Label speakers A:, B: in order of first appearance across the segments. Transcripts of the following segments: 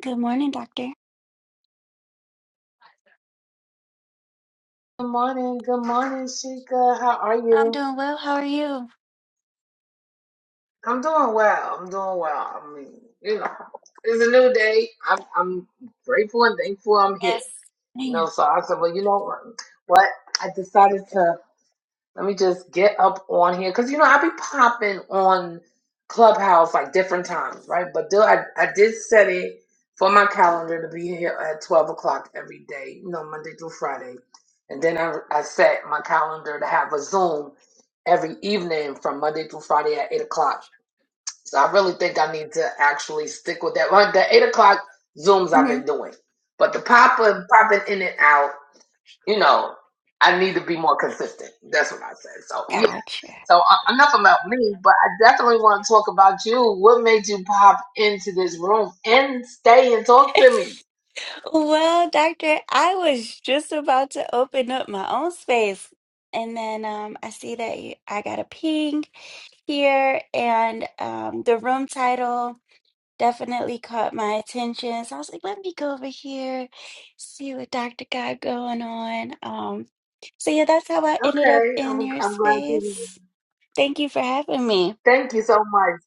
A: Good morning, Doctor.
B: Good morning, good morning, Sheikah. How are
A: I'm
B: you?
A: doing well. How are you?
B: I'm doing well. I'm doing well. I mean, you know, it's a new day. I'm I'm grateful and thankful I'm here.
A: Yes.
B: You know,
A: Man.
B: so I said, well, you know what? What I decided to. Let me just get up on here because you know I be popping on Clubhouse like different times, right? But do I I did set it for my calendar to be here at twelve o'clock every day, you know, Monday through Friday, and then I I set my calendar to have a Zoom every evening from Monday through Friday at eight o'clock. So I really think I need to actually stick with that. Like the eight o'clock Zooms I've
A: hmm
B: been doing, but the popping popping in and out, you know, I need to be more consistent. That's what I said. So yeah,
A: Gotcha.
B: so uh, enough about me, but I definitely want to talk about you. What made you pop into this room and stay and talk to me?
A: Well, Doctor, I was just about to open up my own space. And then um, I see that you, I got a ping here, and um, the room title. definitely caught my attention. So I was like, let me go over here, see what Dr. got going on. Um, so yeah, that's how I ended up
B: Okay,
A: in
B: I'm,
A: your
B: I'm glad to hear.
A: space. Thank you for having me.
B: Thank you so much.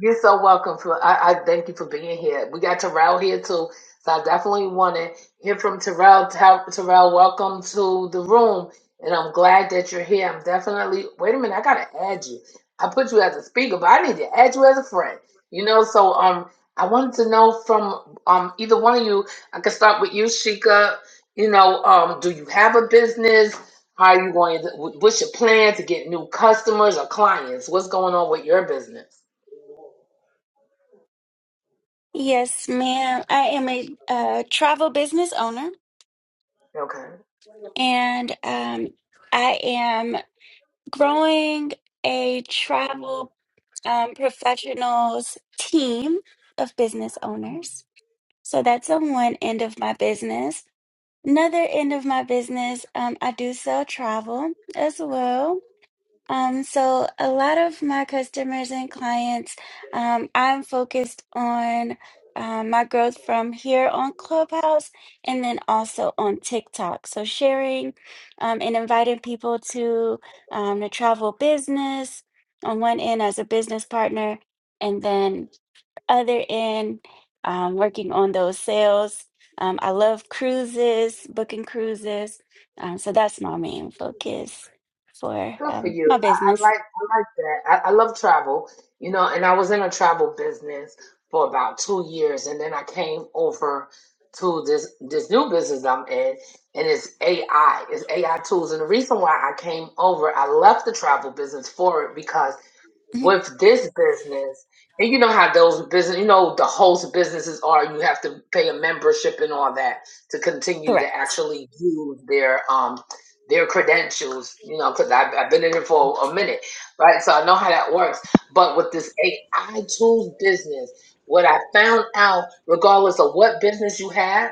B: You're so welcome. For I, I thank you for being here. We got Terrell here too, so I definitely want to hear from Terrell. Ter- Terrell, welcome to the room, and I'm glad that you're here. I'm definitely. Wait a minute, I gotta add you. I put you as a speaker, but I need to add you as a friend. You know, so um, I wanted to know from um either one of you. I could start with you, Shika. You know, um, do you have a business? How are you going to, what's your plan to get new customers or clients? What's going on with your business?
A: Yes, ma'am. I am a uh, travel business owner
B: Okay.
A: and um, I am growing a travel um, professionals team of business owners. So that's on one end of my business. Another end of my business, um, I do sell travel as well. Um, so a lot of my customers and clients, um, I'm focused on um, my growth from here on Clubhouse and then also on TikTok. So sharing um, and inviting people to um, the travel business on one end as a business partner, and then other end, um, working on those sales. Um, I love cruises, booking cruises. Um, so that's my main focus for
B: Good for
A: um, my
B: you. I, I
A: business.
B: like I like that. I, I love travel, you know, and I was in a travel business for about two years and then I came over to this this new business I'm in and it's AI. It's AI tools. And the reason why I came over, I left the travel business for it because.
A: Mhm.
B: with this business, and you know how those business, you know, the host businesses are. You have to pay a membership and all that to continue to
A: Correct.
B: actually use their um their credentials. You know, because I've, I've been in it for a minute, right? So I know how that works. But with this AI tools business, what I found out, regardless of what business you have.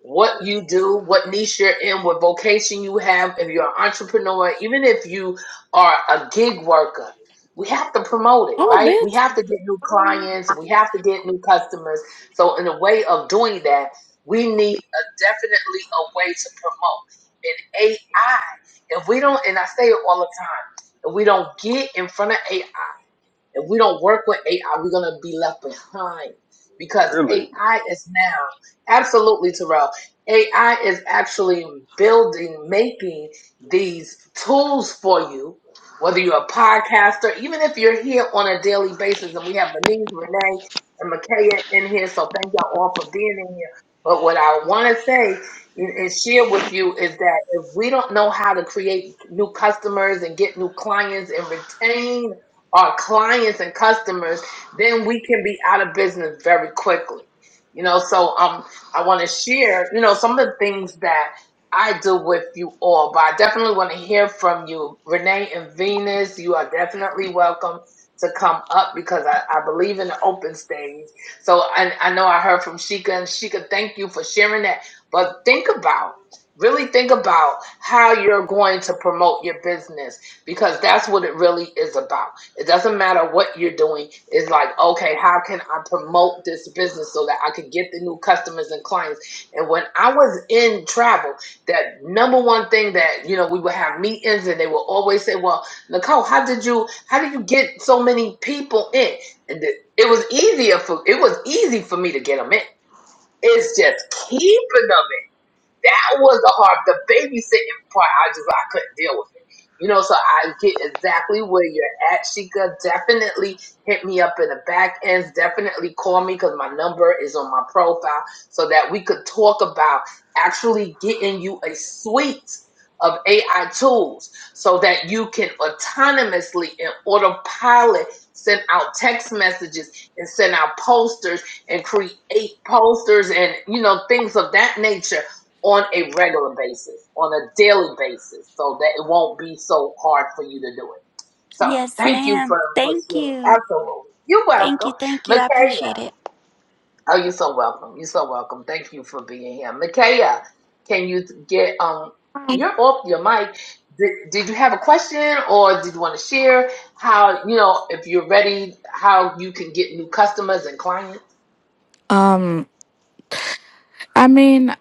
B: What you do, what niche you're in, what vocation you have, if you're an entrepreneur, even if you are a gig worker, we have to promote it,
C: Oh,
B: right? We have
C: bitch.
B: to get new clients, we have to get new customers. So, in a way of doing that, we need a definitely a way to promote. And AI, if we don't, and I say it all the time, if we don't get in front of AI if we don't work with AI, we're gonna be left behind because
D: Really?
B: AI is now absolutely Terrell. AI is actually building, making these tools for you. Whether you're a podcaster, even if you're here on a daily basis, and we have Denise, Renee, and Makaya in here, so thank y'all all for being in here. But what I want to say and and share with you is that if we don't know how to create new customers and get new clients and retain our clients and customers, then we can be out of business very quickly. You know, so um, I want to share, you know, some of the things that I do with you all, but I definitely want to hear from you, Renee and Venus. You are definitely welcome to come up because I, I believe in the open stage. So I, I know I heard from Sheikah, and Sheikah, thank you for sharing that. But think about, really think about how you're going to promote your business because that's what it really is about it doesn't matter what you're doing. It's like, okay, how can I promote this business so that I can get the new customers and clients? And when I was in travel, that number one thing that, you know, we would have meetings and they would always say, well, Nicole, how did you, how did you get so many people in? And it it was easier for, it was easy for me to get them in. It's just keeping them that was the hard, the babysitting part. I just I couldn't deal with it. You know, so I get exactly where you're at, Sheikah. Definitely hit me up in the back ends. Definitely call me because my number is on my profile so that we could talk about actually getting you a suite of AI tools so that you can autonomously and autopilot send out text messages and send out posters and create posters and you know things of that nature on a regular basis, on a daily basis, so that it won't be so hard for you to do it. So
A: Yes,
B: thank you
A: ma'am.
B: for, for
A: Thank
B: sharing.
A: you.
B: Absolutely. You're
A: Thank you.
B: welcome.
A: Thank you. I
B: Makaya.
A: appreciate it.
B: Oh, you're so welcome. You're so welcome. Thank you for being here. Makaya, can you get um you're off your mic. Did, did you have a question or did you want to share how you know if you're ready how you can get new customers and clients?
C: Um, I mean,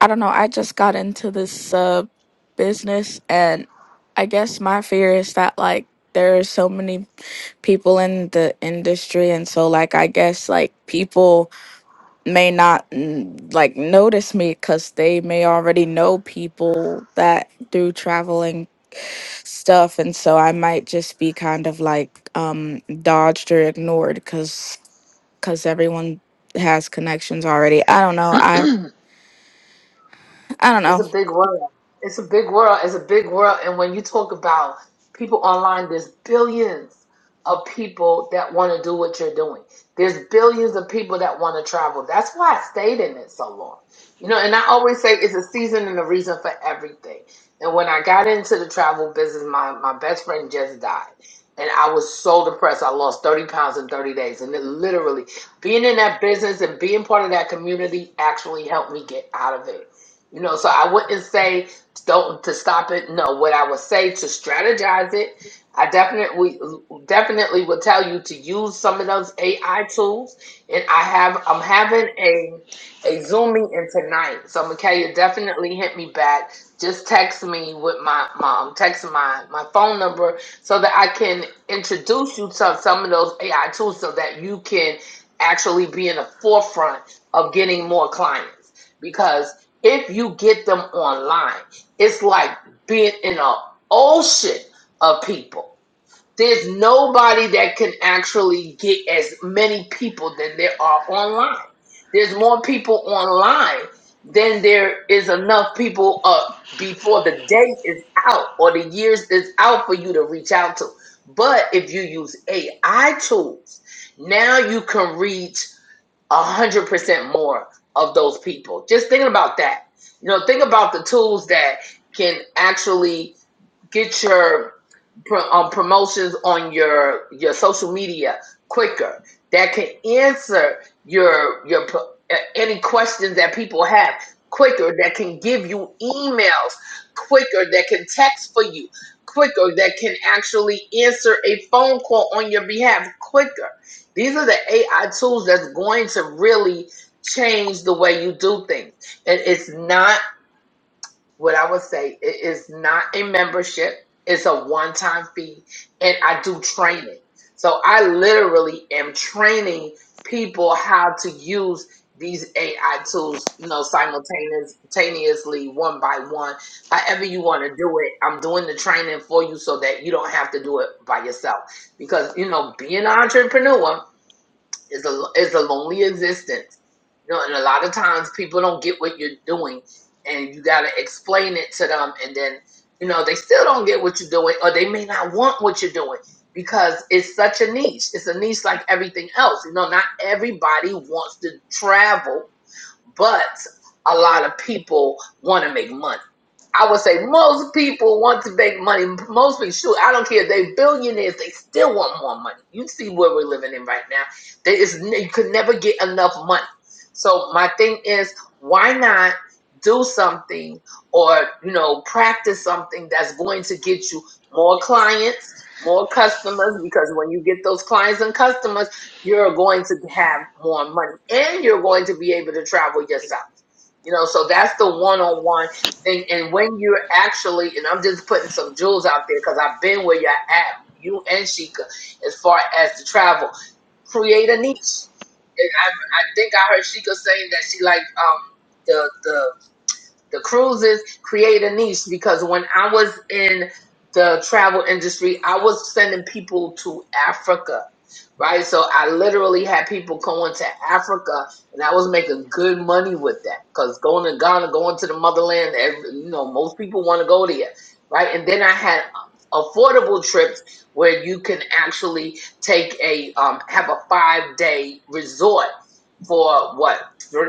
C: I don't know. I just got into this uh business, and I guess my fear is that like there are so many people in the industry, and so like I guess like people may not mm, like notice me because they may already know people that do traveling stuff, and so I might just be kind of like um dodged or ignored because everyone has connections already. I don't know. I I don't
B: It's
C: know.
B: a big world. It's a big world. It's a big world. And when you talk about people online, there's billions of people that want to do what you're doing. There's billions of people that want to travel. That's why I stayed in it so long. You know, and I always say it's a season and a reason for everything. And when I got into the travel business, my, my best friend just died. And I was so depressed. I lost 30 pounds in 30 days. And it literally, being in that business and being part of that community actually helped me get out of it you know, so I wouldn't say don't to stop it. No, what I would say to strategize it, I definitely definitely would tell you to use some of those AI tools. And I have I'm having a a Zoom meeting tonight, so Micaiah definitely hit me back. Just text me with my mom, text my my phone number so that I can introduce you to some of those AI tools so that you can actually be in the forefront of getting more clients because if you get them online, it's like being in an ocean of people. There's nobody that can actually get as many people than there are online. There's more people online than there is enough people uh, before the day is out or the years is out for you to reach out to. But if you use AI tools, now you can reach a hundred percent more of those people. Just thinking about that. You know, think about the tools that can actually get your pro, um, promotions on your your social media quicker that can answer your your p- a- any questions that people have quicker that can give you emails quicker that can text for you quicker that can actually answer a phone call on your behalf quicker these are the ai tools that's going to really change the way you do things and it's not what I would say it is not a membership. It's a one-time fee, and I do training. So I literally am training people how to use these AI tools, you know, simultaneous- simultaneously, one by one. However you want to do it, I'm doing the training for you so that you don't have to do it by yourself. Because you know, being an entrepreneur, it's a it's a lonely existence. You know, and a lot of times people don't get what you're doing, and you got to explain it to them, and then you know they still don't get what you're doing, or they may not want what you're doing because it's such a niche. It's a niche like everything else. You know, not everybody wants to travel, but a lot of people want to make money. I would say most people want to make money. Most people, shoot, I don't care. if They billionaires, they still want more money. You see where we're living in right now. There is n- you could never get enough money. So my thing is, why not do something or you know practice something that's going to get you more clients, more customers? Because when you get those clients and customers, you're going to have more money, and you're going to be able to travel yourself. You know, so that's the one-on-one and, and when you're actually, and I'm just putting some jewels out there because I've been where you're at, you and Sheikah, as far as the travel, create a niche. And I, I think I heard Sheikah saying that she like um the the the cruises create a niche because when I was in the travel industry, I was sending people to Africa, right? So I literally had people going to Africa, and I was making good money with that because going to Ghana, going to the motherland, every, you know, most people want to go there, right? And then I had affordable trips where you can actually take a um, have a five day resort for what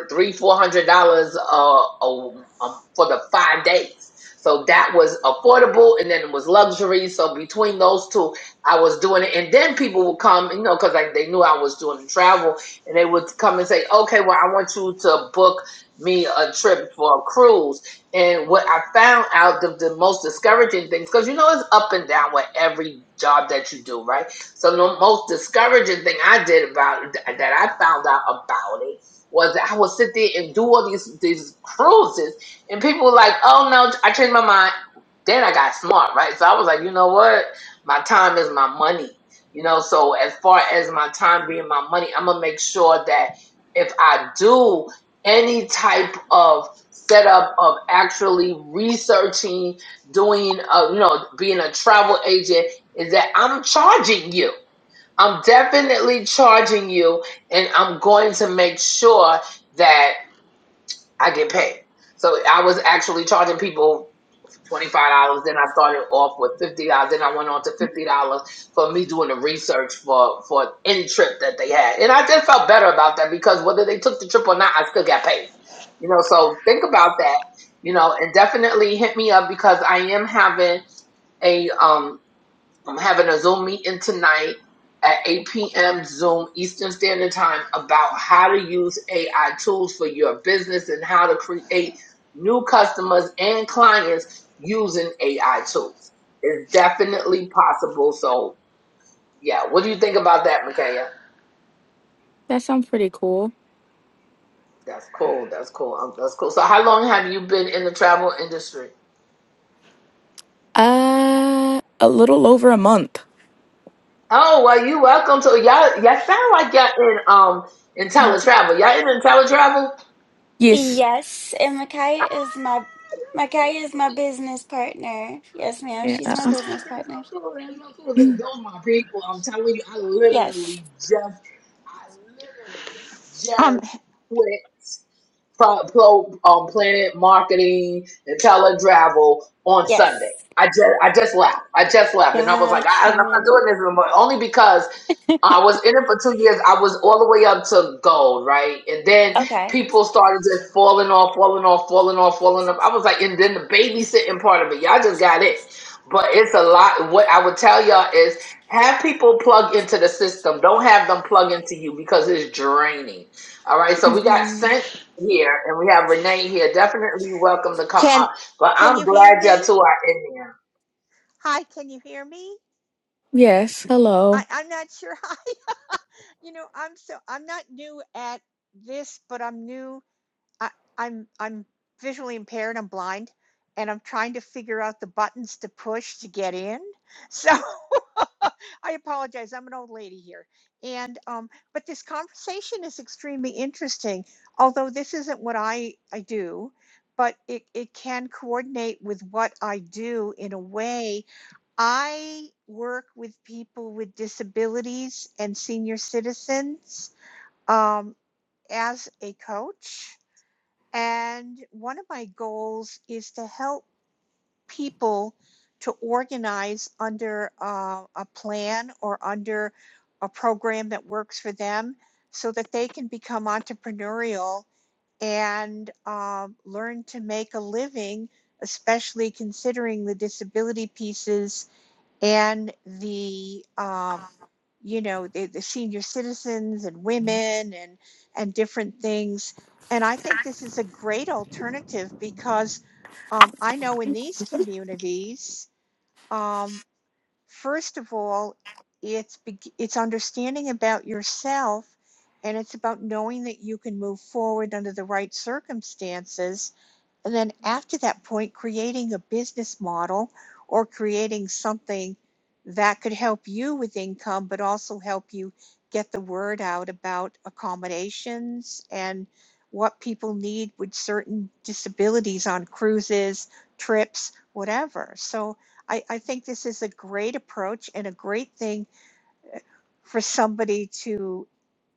B: three four hundred dollars uh, a- um, for the five days so that was affordable and then it was luxury so between those two i was doing it and then people would come you know because they knew i was doing travel and they would come and say okay well i want you to book me a trip for a cruise and what i found out the, the most discouraging things because you know it's up and down with every job that you do right so the most discouraging thing i did about that i found out about it was that I would sit there and do all these these cruises, and people were like, "Oh no, I changed my mind." Then I got smart, right? So I was like, you know what? My time is my money, you know. So as far as my time being my money, I'm gonna make sure that if I do any type of setup of actually researching, doing, uh, you know, being a travel agent, is that I'm charging you. I'm definitely charging you, and I'm going to make sure that I get paid. So I was actually charging people twenty five dollars. Then I started off with fifty dollars. Then I went on to fifty dollars for me doing the research for for an in trip that they had, and I just felt better about that because whether they took the trip or not, I still got paid. You know, so think about that. You know, and definitely hit me up because I am having a um I'm having a Zoom meeting tonight at 8 p.m. Zoom Eastern Standard Time about how to use AI tools for your business and how to create new customers and clients using AI tools. It's definitely possible. So, yeah, what do you think about that, Makaya?
C: That sounds pretty cool.
B: That's cool. That's cool. Um, That's cool. So, how long have you been in the travel industry?
C: Uh, a little over a month.
B: Oh well, you welcome to y'all. Y'all sound like y'all in um in teletravel. Y'all in teletravel?
C: Yes.
A: Yes, and Makaya is my Makaya is my business partner. Yes, ma'am.
C: Yeah.
A: She's my
B: Oh,
A: business
B: that's so
A: partner.
B: cool. That's so cool. Th- Those my people. I'm telling you, I
A: Yes.
B: literally just, I literally
E: Um,
B: just quit pro, pro, um, Planet Marketing and Teletravel on Sunday.
A: Yes.
B: I just, I just left. I just left, and I was like, I, I'm not
A: Gotcha.
B: doing this anymore. Only because I was in it for two years. I was all the way up to gold, right? And then
A: Okay.
B: people started just falling off, falling off, falling off, falling off. I was like, and then the babysitting part of it, y'all just got it. But it's a lot. What I would tell y'all is have people plug into the system. Don't have them plug into you because it's draining. All right. So we got sent here, and we have Renee here. Definitely welcome to come
E: can
B: up. But
E: can
B: I'm
E: you hear
B: glad y'all
E: me?
B: two are in there.
E: Hi, can you hear me?
C: Yes. Hello.
E: I, I'm not sure. Hi, you know, I'm so I'm not new at this, but I'm new. I, I'm I'm visually impaired. I'm blind, and I'm trying to figure out the buttons to push to get in. So I apologize. I'm an old lady here. And, um, but this conversation is extremely interesting, although this isn't what I, I do, but it, it can coordinate with what I do in a way. I work with people with disabilities and senior citizens um, as a coach. And one of my goals is to help people to organize under uh, a plan or under a program that works for them so that they can become entrepreneurial and um, learn to make a living, especially considering the disability pieces and the um, you know the, the senior citizens and women and and different things and i think this is a great alternative because um, i know in these communities um, first of all it's beg- it's understanding about yourself and it's about knowing that you can move forward under the right circumstances and then after that point, creating a business model or creating something that could help you with income, but also help you get the word out about accommodations and what people need with certain disabilities on cruises, trips, whatever. So I, I think this is a great approach and a great thing for somebody to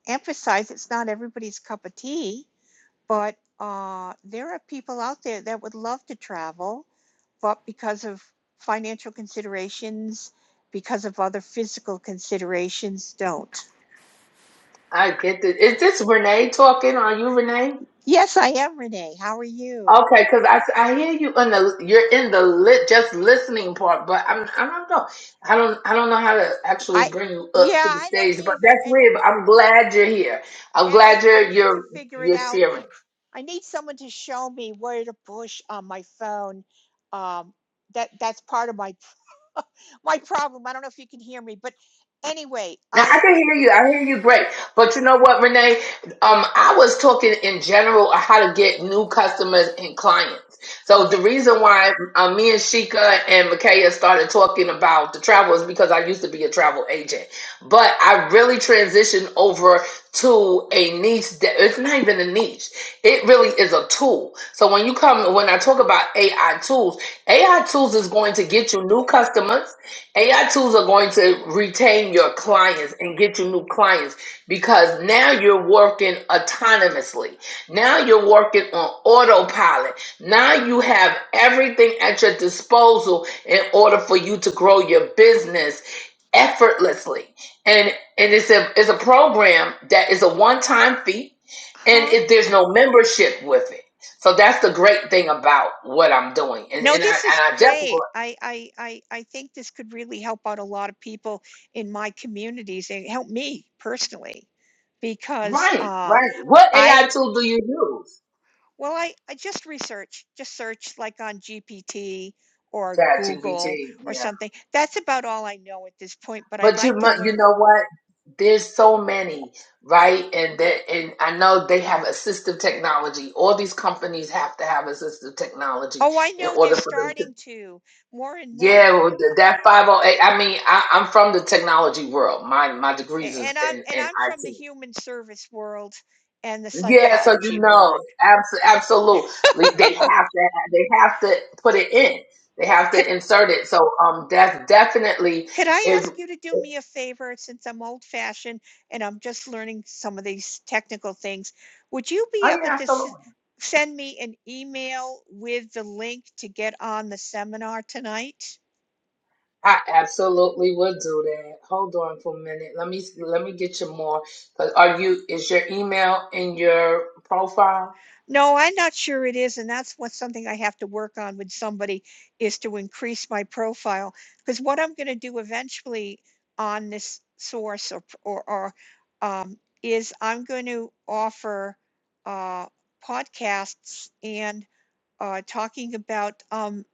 E: emphasize. It's not everybody's cup of tea but uh, there are people out there that would love to travel, but because of financial considerations, because of other physical considerations, don't.
B: I get this. Is this Renee talking? Are you Renee?
E: Yes, I am Renee. How are you?
B: Okay, because I, I hear you in the you're in the lit just listening part, but I'm I don't know I don't I don't know how to actually
E: I
B: bring you up
E: yeah,
B: to the
E: I don't
B: stage, but
E: either.
B: that's
E: And
B: weird. But I'm glad you're here. I'm
E: and I
B: glad
E: I
B: you're
E: need to
B: you're
E: figure it
B: you're
E: out.
B: sharing.
E: I need someone to show me where to push on my phone. Um, that that's part of my my problem. I don't know if you can hear me, but anyway,
B: Now I
E: I
B: can hear you. I hear you great. But you know what, Renee? Um, I was talking in general on how to get new customers and clients. So the
E: okay.
B: reason why uh, me and Sheikah and Micaiah started talking about the travel is because I used to be a travel agent, but I really transitioned over to a niche that it's not even a niche. It really is a tool. So when you come, when I talk about AI tools, AI tools is going to get you new customers. AI tools are going to retain your clients and get you new clients because now you're working autonomously. Now you're working on autopilot. Now you have everything at your disposal in order for you to grow your business effortlessly. And and it's a it's a program that is a one-time fee and
E: Huh?
B: if there's no membership with it. So that's the great thing about what I'm doing. And
E: No,
B: and I and
E: this is
B: I definitely
E: great. I, I, I, I think this could really help out a lot of people in my communities and help me personally because
B: Right,
E: uh,
B: right. What AI
E: I,
B: tool do you use?
E: well, I, I just research, just search like on GPT or Google
B: ChatGPT,
E: or
B: yeah.
E: something. That's about all I know at this point, but I'd
B: But you
E: like to
B: mu- you
E: learn.
B: know what? There's so many, right? And that and I know they have assistive technology. All these companies have to have assistive technology
E: Oh, I
B: in
E: know they're
B: order for them to
E: starting to more and more.
B: yeah, well, th- that 508. I mean, I, I'm from the technology world. My my degrees
E: And
B: is
E: I'm,
B: in,
E: and
B: in
E: I'm from the
B: IT.
E: human service world and the
B: Yeah, so you
E: psychology
B: know,
E: world.
B: abs- absolutely, they have
E: Could
B: to they have to put it in. They have to insert it. So um, that's definitely
E: Could I
B: if
E: ask you to do me a favor since I'm old fashioned and I'm just learning some of these technical things? Would you be
B: oh
E: able
B: yeah,
E: to s-
B: absolutely.
E: send me an email with the link to get on the seminar tonight?
B: I absolutely would do that. Hold on for a minute. Let me let me get you more. 'Cause are you is your email in your profile?
E: No, I'm not sure it is, and that's what something I have to work on with somebody is to increase my profile. Because what I'm going to do eventually on this source or or, or um, is I'm going to offer uh, podcasts and uh, talking about um,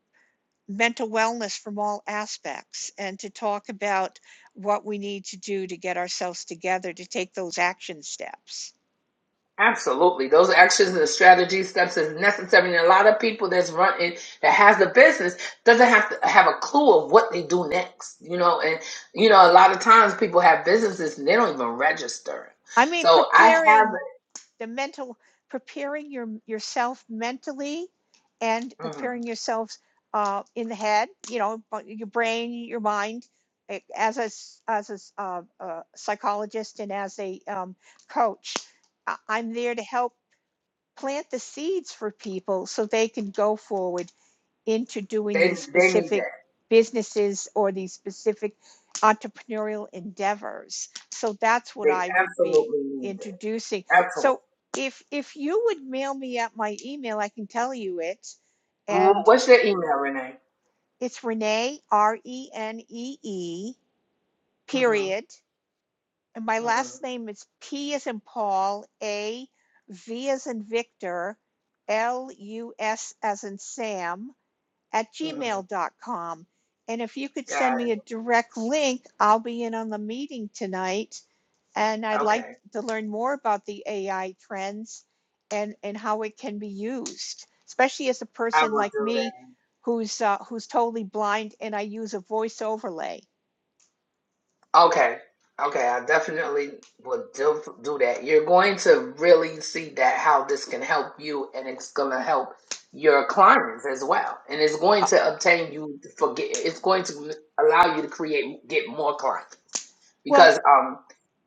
E: mental wellness from all aspects and to talk about what we need to do to get ourselves together to take those action steps.
B: Absolutely. Those actions and the strategy steps is necessary. And a lot of people that's running that has a business doesn't have to have a clue of what they do next. You know, and you know, a lot of times people have businesses and they don't even register.
E: I mean,
B: So I
E: preparing
B: have
E: the mental, preparing your yourself mentally, and
B: mhm.
E: preparing yourselves uh, in the head. You know, your brain, your mind. eh, As a s- a a a uh, uh, psychologist and as a um, coach, I'm there to help plant the seeds for people so they can go forward into doing
B: they
E: these
B: they need
E: specific
B: that.
E: businesses or these specific entrepreneurial endeavors. So that's what
B: They
E: I would be
B: absolutely need
E: introducing.
B: that. Absolutely.
E: So if if you would mail me at my email, I can tell you it.
B: Wh-
E: And
B: What's your email, Renee?
E: it's Renee R E N E E
B: Mm-hmm.
E: period and my last
B: Mm-hmm.
E: name is P as in Paul, A, V as in Victor, L U S as in Sam at
B: Mm-hmm.
E: gmail dot com. And if you could send
B: Got
E: me a direct link, I'll be in on the meeting tonight. And
B: it.
E: I'd like
B: Okay.
E: to learn more about the AI trends and, and how it can be used, especially as a
B: I
E: person
B: will
E: like
B: do that.
E: me who's uh, who's totally blind and I use a voice overlay.
B: Okay. Okay. I definitely will do, do that. You're going to really see that how this can help you and it's going to help your clients as well. And it's going
E: Uh,
B: to obtain you for get, it's going to allow you to create, get more clients
E: well,
B: because, um,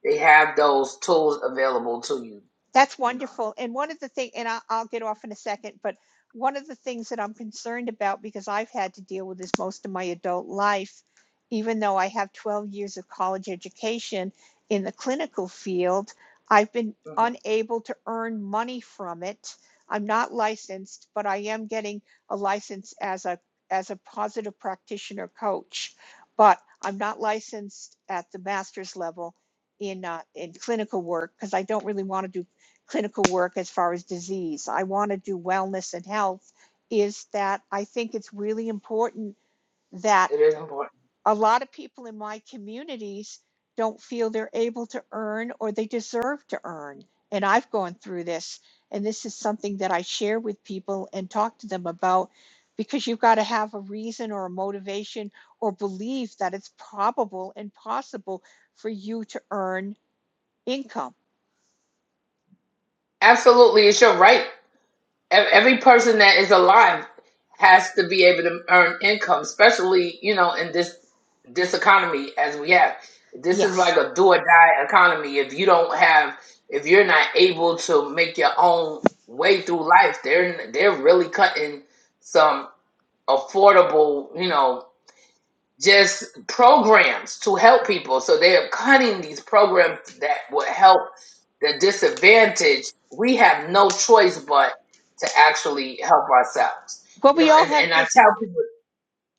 B: they have those tools available to you
E: That's
B: no.
E: wonderful. And one of the thing, and I, I'll get off in a second, but one of the things that I'm concerned about because I've had to deal with this most of my adult life, even though I have 12 years of college education in the clinical field, I've been
B: hmm
E: unable to earn money from it. I'm not licensed, but I am getting a license as a as a positive practitioner coach, but I'm not licensed at the master's level in uh, in clinical work because I don't really want to do clinical work as far as disease. I want to do wellness and health. Is that I think it's really important that
B: It is important.
E: a lot of people in my communities don't feel they're able to earn or they deserve to earn. And I've gone through this, and this is something that I share with people and talk to them about because you've got to have a reason or a motivation or belief that it's probable and possible for you to earn income.
B: Absolutely, it's your right. ev- every person that is alive has to be able to earn income, especially you know in this this economy as we have. This is like
E: Yes,
B: a do or die economy. If you don't have, if you're not able to make your own way through life, they're they're really cutting some affordable, you know, just programs to help people. So they are cutting these programs that will help the disadvantaged. We have no choice but to actually help ourselves.
E: but
B: You
E: we
B: know,
E: all
B: and,
E: have
B: and I
E: disadvantages
B: tell people,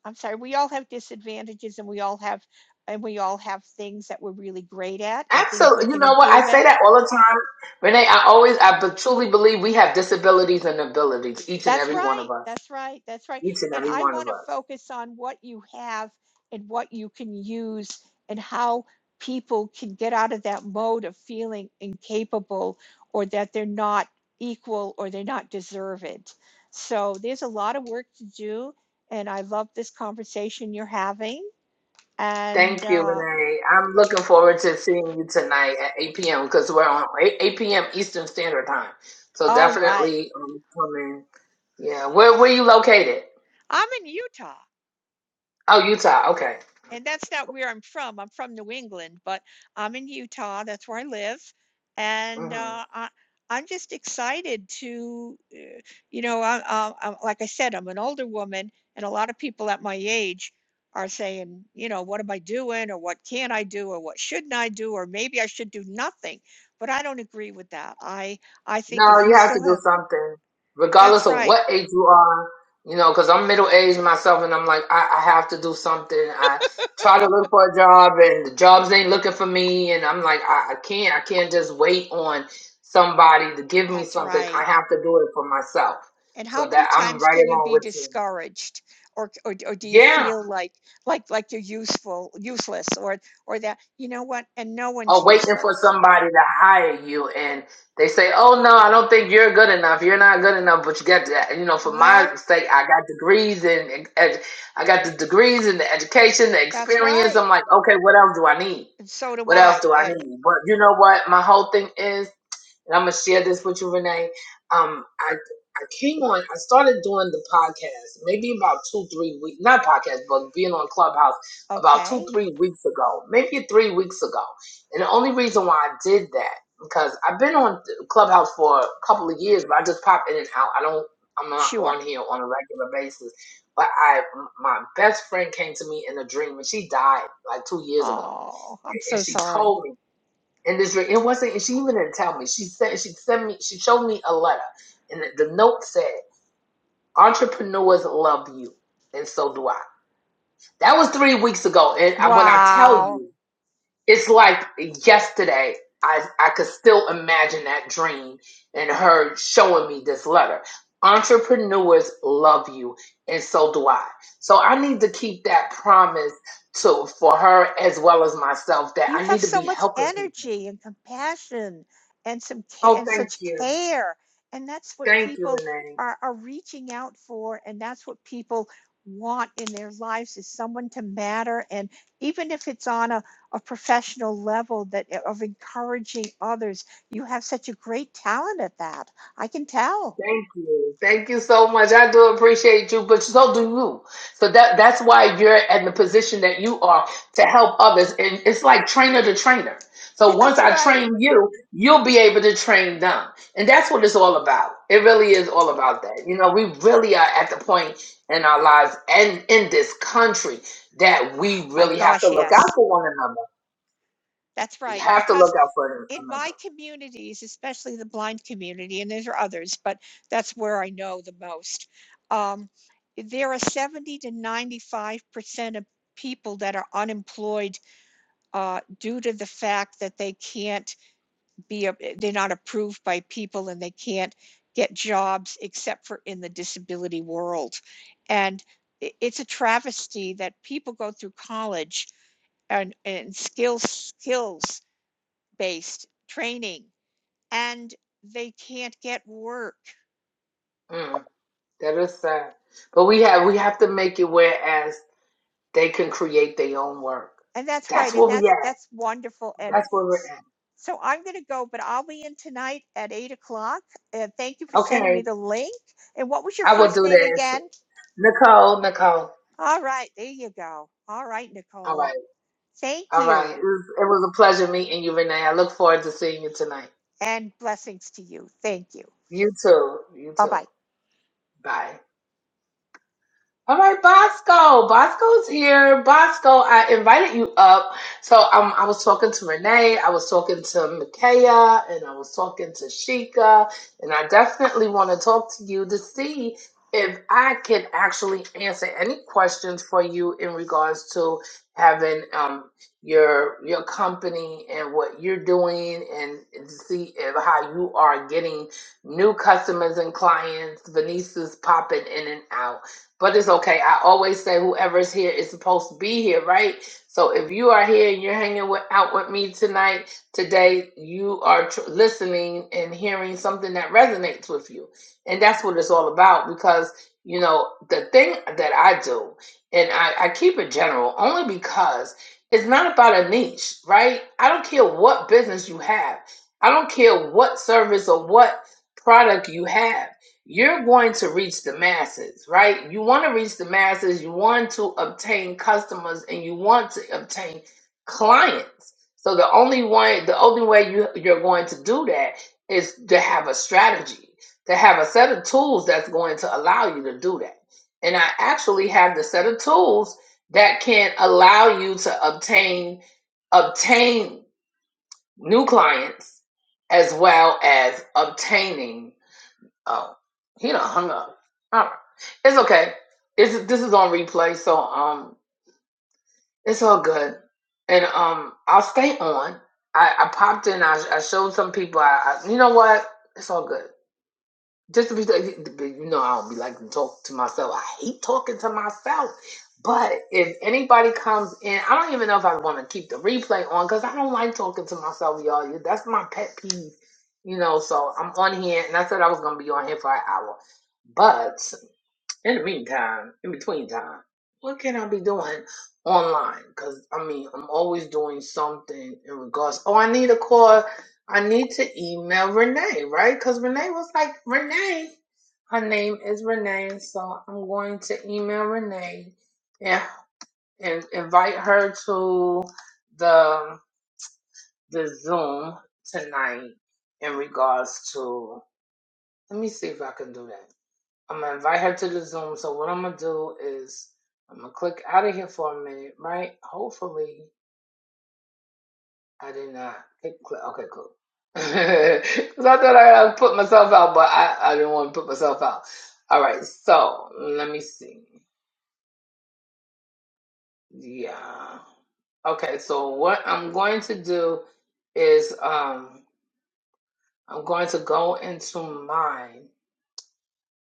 E: I'm sorry, we all have disadvantages and we all have, and we all have things that we're really great at and things we
B: absolutely, you
E: can
B: know what? I
E: improve
B: say
E: at.
B: that all the time. Renee, I always, I be- truly believe we have disabilities and abilities, each and
E: That's
B: every one
E: right.
B: of us,
E: That's right. That's right.
B: each and
E: And
B: every
E: I
B: one of
E: want to
B: us.
E: focus on what you have and what you can use and how people can get out of that mode of feeling incapable or that they're not equal or they're not deserved. So there's a lot of work to do. And I love this conversation you're having. And
B: Thank you,
E: uh,
B: Renee. I'm looking forward to seeing you tonight at 8 p.m. because we're on 8, 8 p.m. Eastern Standard Time. So
E: all right.
B: definitely um, come in. Yeah. Where where you located?
E: I'm in Utah,
B: Oh, Utah. Okay. Okay,
E: and that's
B: that's
E: not
B: cool.
E: where I'm from. I'm from New England, but I'm in Utah. That's where I live, and
B: hmm
E: uh, I, I'm just excited to, uh, you know, I, I, I, like I said, I'm an older woman, and a lot of people at my age are saying, you know, what am I doing, or what can I do, or what shouldn't I do, or maybe I should do nothing. But I don't agree with that. I I think
B: No,
E: if
B: you
E: you
B: have to
E: still
B: do
E: have,
B: something,
E: that's
B: regardless of
E: right,
B: what age you are. You know, because I'm middle aged myself, and I'm like, I, I have to do something. I try to look for a job, and the jobs ain't looking for me, and I'm like, I, I can't, I can't just wait on somebody to give me
E: that's
B: something.
E: right.
B: I have to do it for myself.
E: and how
B: So
E: many
B: that I'm
E: times
B: right
E: can you
B: along
E: be
B: with you.
E: discouraged or, or or do you
B: Yeah.
E: feel like like like you're useful useless or or that you know what and no one's
B: or waiting for
E: useless
B: somebody to hire you and they say oh no i don't think you're good enough you're not good enough but you got to you know for my
E: well
B: sake i got degrees and and- and i got the degrees and the education the
E: that's
B: experience
E: right
B: i'm like okay what else do i need
E: and so do
B: what else
E: i
B: do i
E: and
B: need but you know what my whole thing is and I'm gonna share this with you, Renee. Um, I I came on. I started doing the podcast maybe about two, three weeks. Not podcast, but being on Clubhouse about two,
E: okay
B: three weeks ago, maybe three weeks ago. And the only reason why I did that because I've been on Clubhouse for a couple of years, but I just pop in and out. I don't. I'm not
E: sure
B: on here on a regular basis. But I, my best friend came to me in a dream, and she died like two years ago,
E: oh
B: and
E: i'm
B: and
E: so
B: she
E: sorry
B: told me. And this, dream. it wasn't. She even didn't tell me. She said she sent me. She showed me a letter, and the, the note said, "Entrepreneurs love you, and so do I." That was three weeks ago, and I, when I tell
E: wow
B: you, it's like yesterday. I I could still imagine that dream and her showing me this letter. Entrepreneurs love you, and so do I. So I need to keep that promise to for her as well as myself that
E: You
B: I
E: have
B: need to
E: so
B: be
E: much
B: helping people.
E: energy and compassion and some ca-
B: Oh,
E: and
B: thank
E: such
B: you.
E: care. And that's what
B: Thank you,
E: people
B: Renee.
E: are, are reaching out for. And that's what people want in their lives is someone to matter. And even if it's on a, a professional level that eh, of encouraging others, you have such a great talent at that. I can tell.
B: Thank you. Thank you so much. I do appreciate you, but so do you. So that that's why you're in the position that you are to help others. And it's like trainer to trainer. So once
E: That's
B: I
E: right.
B: train you, you'll be able to train them. And that's what it's all about. It really is all about that. You know, we really are at the point in our lives and in this country that
E: Oh
B: we
E: my
B: really have to
E: gosh,
B: look
E: yes.
B: out for one another.
E: That's
B: We
E: right.
B: have to
E: Because
B: look out for one
E: in my
B: another.
E: communities, especially the blind community, and there are others, but that's where I know the most. Um, there are 70 to 95% of people that are unemployed uh, due to the fact that they can't be, they're not approved by people and they can't get jobs except for in the disability world. And it's a travesty that people go through college and, and skills, skills based training and they can't get work.
B: Mm. That is sad. But we have we have to make it whereas they can create their own work.
E: And that's right.
B: That's
E: And
B: where we at.
E: that's that's wonderful. And
B: That's where we're at.
E: so I'm going to go, but I'll be in tonight at eight o'clock. And thank you for sending me
B: Okay.
E: the link. And what was your
B: I will
E: first
B: do
E: name
B: this.
E: again?
B: Nicole, Nicole.
E: All right, there you go. All right,
B: All
E: Nicole.
B: right.
E: Thank
B: All right. It
E: you,
B: was, it was a pleasure meeting you, Renee. I look forward to seeing you tonight.
E: and blessings to you. Thank you.
B: You too. You
E: Bye
B: too.
E: bye.
B: Bye. All right, Bosco. Bosco's here. Bosco, I invited you up. So um, I was talking to Renee, I was talking to Makaya, and I was talking to Sheikah, and I definitely want to talk to you to see if I can actually answer any questions for you in regards to having um your your company and what you're doing and to see if how you are getting new customers and clients. Venice is popping in and out. But it's okay. I always say whoever's here is supposed to be here, right? So if you are here and you're hanging with, out with me tonight, today, you are tr- listening and hearing something that resonates with you. And that's what it's all about because, you know, the thing that I do, and I, I keep it general only because it's not about a niche, right? I don't care what business you have, I don't care what service or what product you have you're going to reach the masses, right? You want to reach the masses, you want to obtain customers and you want to obtain clients. So the only one the only way you you're going to do that is to have a strategy, to have a set of tools that's going to allow you to do that. And I actually have the set of tools that can allow you to obtain obtain new clients as well as obtaining Oh, he done hung up. All right. It's okay. It's this is on replay, so um, it's all good. And um, I'll stay on. I, I popped in. I, I showed some people. I, I you know what? It's all good. Just to be, you know, I don't be like to talk to myself. I hate talking to myself. But if anybody comes in, I don't even know if I want to keep the replay on because I don't like talking to myself, y'all. Yeah, That's my pet peeve, you know. So I'm on here, and I said I was gonna be on here for an hour, but in the meantime, in between time, what can I be doing online? Because, I mean, I'm always doing something in regards. Oh, I need a call. I need to email Renee, right? Because Renee was like, Renee, her name is Renee. So I'm going to email Renee and, and invite her to the, the Zoom tonight in regards to. Let me see if I can do that. I'm gonna invite her to the Zoom. So what I'm gonna do is I'm gonna click out of here for a minute, right? Hopefully I did not click. click okay, cool. Because I thought I had put myself out, but I, I didn't want to put myself out. All right, so let me see. Yeah. Okay, so what I'm going to do is um I'm going to go into mine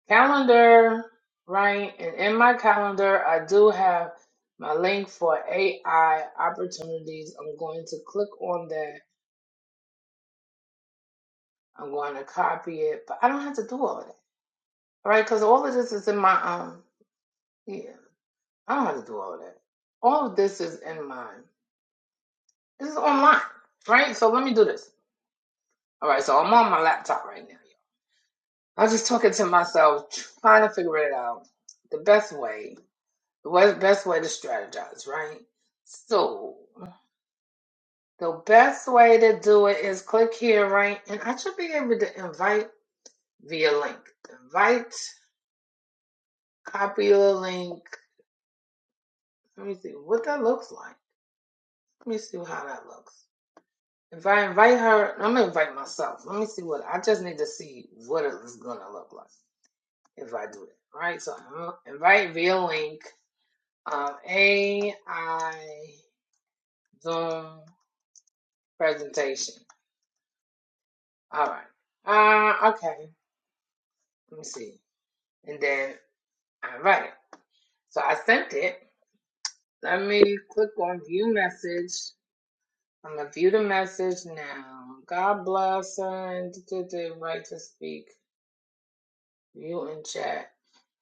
B: calendar, right? And in my calendar, I do have my link for AI opportunities. I'm going to click on that. I'm going to copy it, but I don't have to do all of that, right? Because all of this is in my um, yeah, I don't have to do all of that. All of this is in mine. This is online, right? So let me do this. All right, so I'm on my laptop right now. y'all. I'm just talking to myself, trying to figure it out. The best way, the best way to strategize, right? So The best way to do it is click here, right? And I should be able to invite via link. Invite, copy the link. Let me see what that looks like. Let me see how that looks. If I invite her, I'm gonna invite myself. Let me see what I just need to see what it's gonna look like if I do it. Right, so I'm invite via link, um, AI Zoom presentation. All right. Uh, okay. Let me see. And then I invite. So I sent it. Let me click on view message. I'm gonna view the message now. God bless and did the right to speak. You in chat.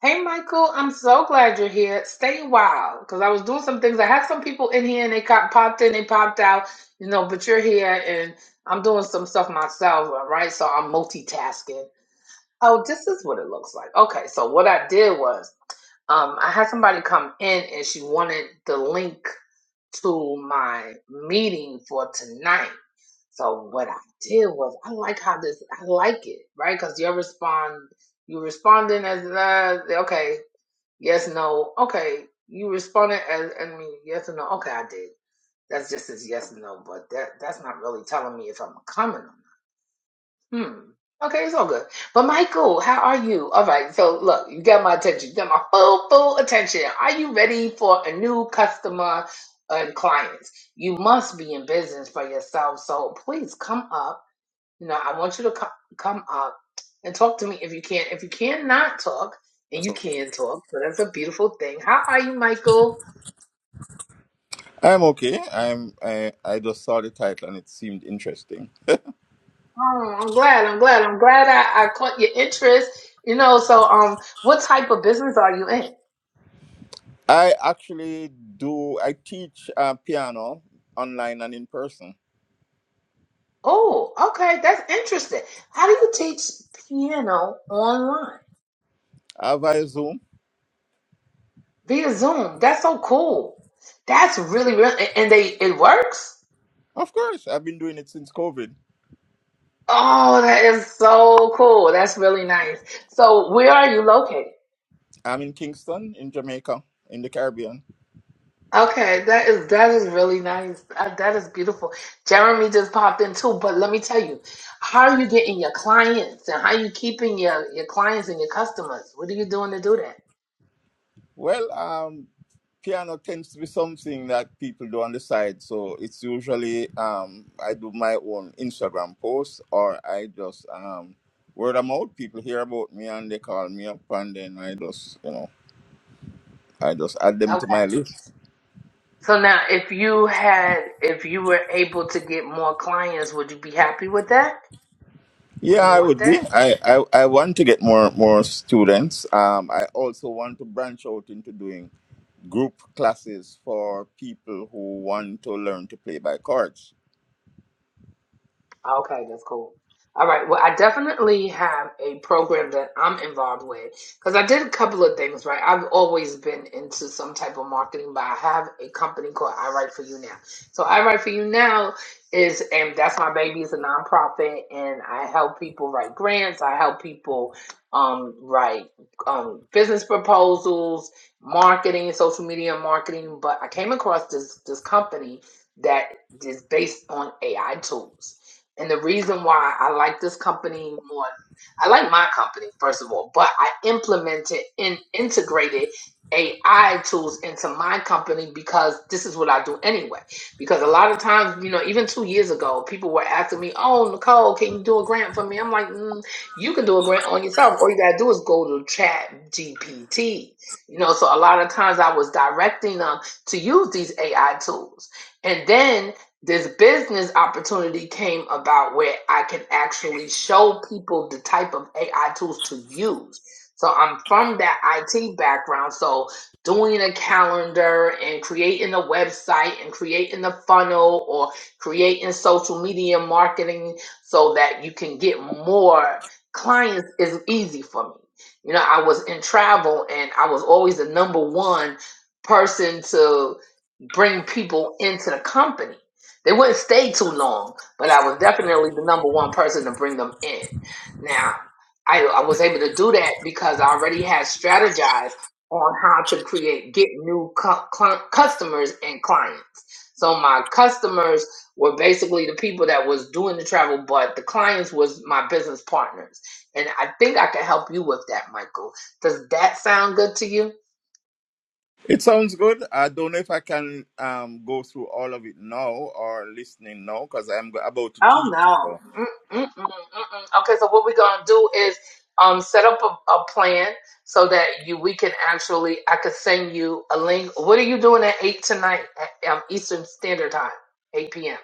B: Hey Michael, I'm so glad you're here. Stay a while because I was doing some things. I had some people in here and they got popped in, they popped out, you know. But you're here and I'm doing some stuff myself, all right? So I'm multitasking. Oh, this is what it looks like. Okay, so what I did was um, I had somebody come in and she wanted the link to my meeting for tonight. So what I did was I like how this I like it, right? Because you're respond you responding as uh, okay, yes, no, okay. You responded as I mean yes or no, okay, I did. That's just as yes or no, but that that's not really telling me if I'm coming or not. Hmm. Okay, it's all good. But Michael, how are you? All right. So look, you got my attention. You got my full, full attention. Are you ready for a new customer and clients? You must be in business for yourself. So please come up. You know, I want you to come come up and talk to me if you can. If you cannot talk, and you
F: So
B: can talk, so that's a beautiful thing. How are you, Michael?
F: I'm okay. I'm I, I just saw the title and it seemed interesting.
B: Oh, I'm glad. I'm glad. I'm glad I, I caught your interest. You know, so um, what type of business are you in?
F: I actually do I teach uh, piano online and in person
B: Oh, okay. That's interesting. How do you teach piano online
F: uh, via Zoom.
B: via Zoom? That's so cool. That's really, really, and they, it works.
F: Of course, I've been doing it since COVID.
B: Oh, that is so cool. That's really nice. So where are you located?
F: I'm in Kingston in Jamaica in the Caribbean.
B: Okay, that is that is really nice. Uh, That is beautiful. Jeremy just popped in too, but let me tell you, how are you getting your clients and how are you keeping your your clients and your customers? What are you doing to do that?
F: Well, um, piano tends to be something that people do on the side. So it's usually um, I do my own Instagram posts or I just um, word of mouth. People hear about me and they call me up, and then I just you know I just add them to my list.
B: So now, if you had, if you were able to get more clients, would you be happy with that?
F: Yeah,
B: Would you
F: I
B: want
F: would be.
B: that?
F: I I, I want to get more more students. Um, I also want to branch out into doing group classes for people who want to learn to play by chords.
B: Okay, that's cool. All right. Well, I definitely have a program that I'm involved with because I did a couple of things, right? I've always been into some type of marketing, but I have a company called I Write For You Now. So I Write For You Now is, and that's my baby, it's a nonprofit, and I help people write grants. I help people um, write um, business proposals, marketing, social media marketing. But I came across this this company that is based on AI tools. And the reason why I like this company more, I like my company, first of all, but I implemented and integrated AI tools into my company because this is what I do anyway. Because a lot of times, you know, even two years ago, people were asking me, Oh, Nicole, can you do a grant for me? I'm like, mm, You can do a grant on yourself. All you got to do is go to Chat GPT. You know, so a lot of times I was directing them to use these AI tools. And then this business opportunity came about where I can actually show people the type of AI tools to use. So I'm from that IT background. So doing a calendar and creating a website and creating a funnel or creating social media marketing so that you can get more clients is easy for me. You know, I was in travel and I was always the number one person to bring people into the company. They wouldn't stay too long, but I was definitely the number one person to bring them in. Now, I, I was able to do that because I already had strategized on how to create, get new cu- cli- customers and clients. So my customers were basically the people that was doing the travel, but the clients was my business partners. And I think I can help you with that, Michael. Does that sound good to you?
F: It sounds good. I don't know if I can um go through all of it now or listening now because I'm go- about to
B: Oh
F: teach.
B: no.
F: So
B: Mm-mm-mm-mm. Okay, so what we're gonna do is um set up a, a plan so that you we can actually I could send you a link. What are you doing at eight tonight at um, Eastern Standard Time, eight p.m.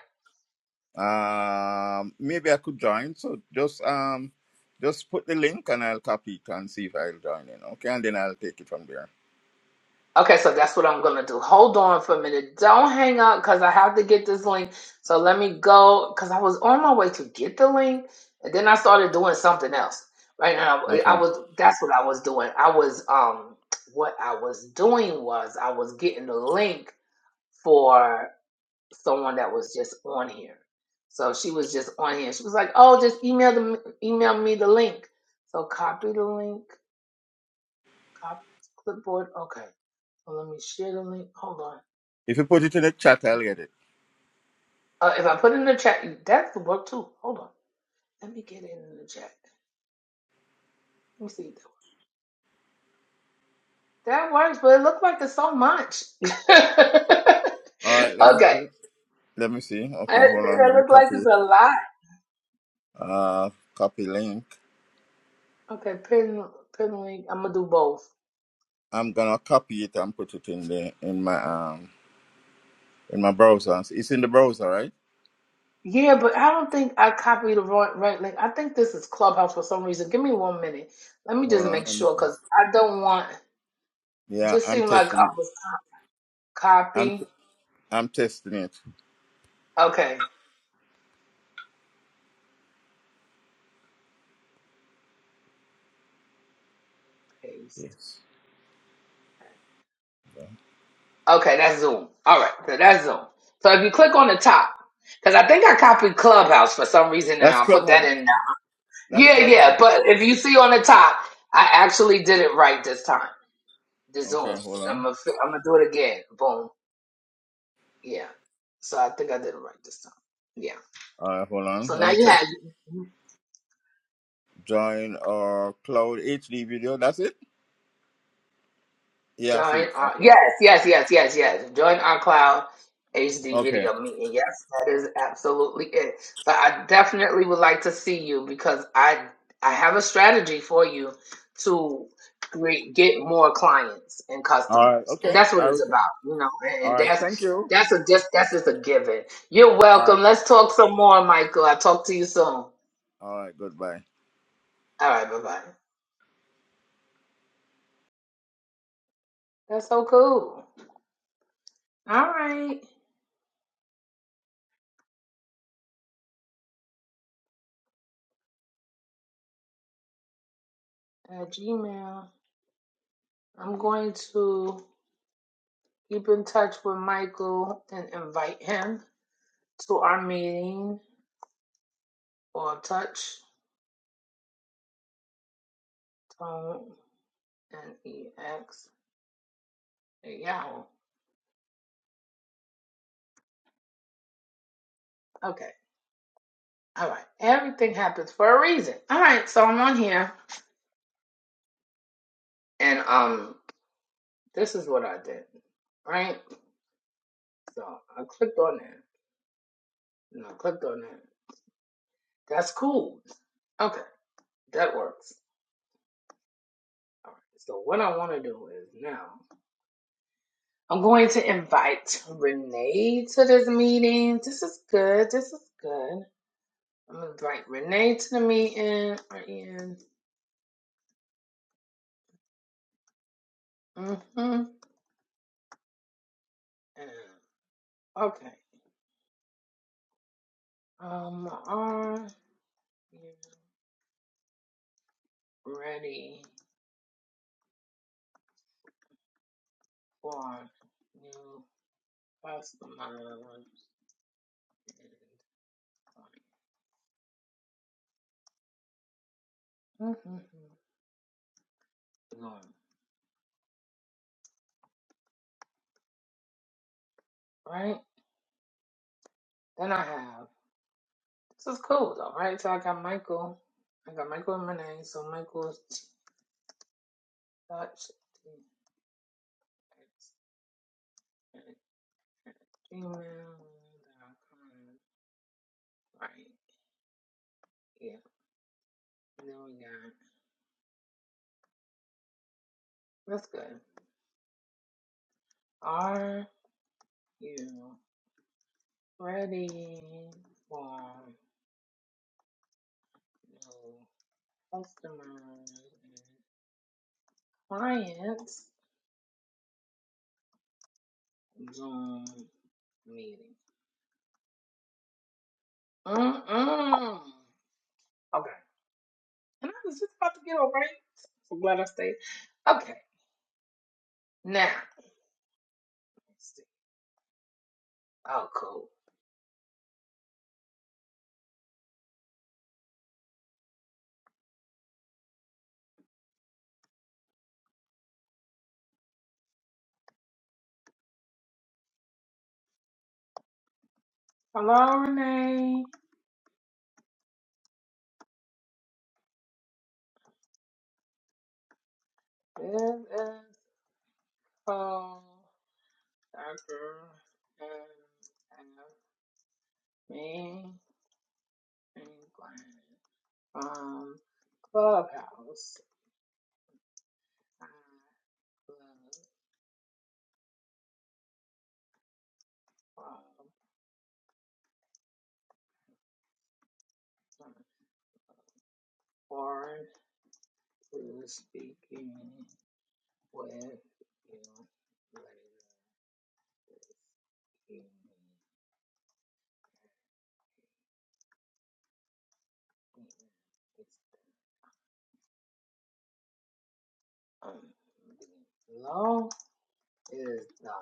F: um maybe I could join. So just um just put the link and I'll copy it and see if I'll join in. Okay, and then I'll take it from there.
B: Okay, so that's what I'm gonna do. Hold on for a minute. Don't hang up because I have to get this link. So let me go because I was on my way to get the link, and then I started doing something else. Right now,
F: Okay.
B: I was that's what I was doing. I was um what I was doing was I was getting the link for someone that was just on here. So she was just on here. She was like, "Oh, just email the email me the link." So copy the link, copy clipboard. Okay, so let me share the link. Hold on.
F: If you put it in the chat, I'll get it.
B: Uh, if I put it in the chat, that's the work too. Hold on. Let me get it in the chat. Let me see. That works, but it looked like it's so much. okay.
F: All right. Let me see. Let me see. Okay,
B: That
F: hold on.
B: that
F: Let me
B: looked like
F: copy.
B: it's
F: It.
B: a lot.
F: Uh, copy link.
B: Okay, pin, pin link. I'm going to do both.
F: I'm gonna copy it and put it in the in my um in my browser. It's in the browser, right?
B: Yeah, but I don't think I copied the right, right link. I think this is Clubhouse for some reason. Give me one minute. Let me
F: Hold
B: just make sure
F: on.
B: because I don't want, it
F: Yeah,
B: just
F: I'm
B: seemed like
F: testing
B: I
F: it.
B: was
F: I'm
B: copy.
F: I'm testing it.
B: Okay, paste.
F: Yes.
B: Okay, that's Zoom. All right, so that's Zoom. So if you click on the top, because I think I copied Clubhouse for some reason, and
F: That's
B: I'll put that
F: Clubhouse.
B: in now.
F: That's
B: Yeah, yeah.
F: Clubhouse.
B: But if you see on the top, I actually did it right this time. The
F: Okay,
B: Zoom.
F: hold
B: I'm
F: on.
B: gonna fi- I'm gonna do it again. Boom. Yeah. So I think I did it right this time. Yeah.
F: All right, hold on.
B: So
F: Let
B: now
F: me
B: you
F: check.
B: have.
F: Join uh Cloud HD video. That's it. Yeah, I see
B: Join
F: it.
B: our
F: Okay.
B: yes, yes, yes, yes, yes. Join our cloud HD
F: Okay.
B: video meeting. Yes, that is absolutely it. So I definitely would like to see you because I I have a strategy for you to create get more clients and
F: All right.
B: customers, and
F: Okay.
B: that's what
F: All right.
B: it's about, you know. And,
F: All
B: and
F: right. Thank
B: that's
F: you.
B: that's a just that's just a given. You're
F: All right.
B: welcome. Let's talk some more, Michael. I'll talk to you soon. All
F: All right. Goodbye.
B: right, bye bye. That's so cool. All right, at Gmail. I'm going to. Keep in touch with Michael and invite him to our meeting or touch tone and ex at Yahoo. Okay. All right. Everything happens for a reason. All right. So I'm on here and um, this is what I did. Right. So I clicked on that and I clicked on that. That's cool. Okay. That works. All right. So what I want to do is now I'm going to invite Renee to this meeting. This is good. This is good. I'm gonna invite Renee to the meeting or Ian. Mm-hmm. Okay. Um, are you ready for new customers and clients? hmm Right? Then I have this is cool though, right? So I got Michael. I got Michael and Renee. So Michael's touch gmail.com. Right. Yeah. And then we got That's good. Are you ready for new customers and clients Zoom meeting? Mm-mm. Okay. And I was just about to get over it. So glad I stayed. Okay. Now, let's see. Oh, cool. Hello, Renee. This is Paul, Dr. and me, and Glenn. Um, Clubhouse. I love um, Warren, who is speaking with you later this evening. And It's the, um, long is done.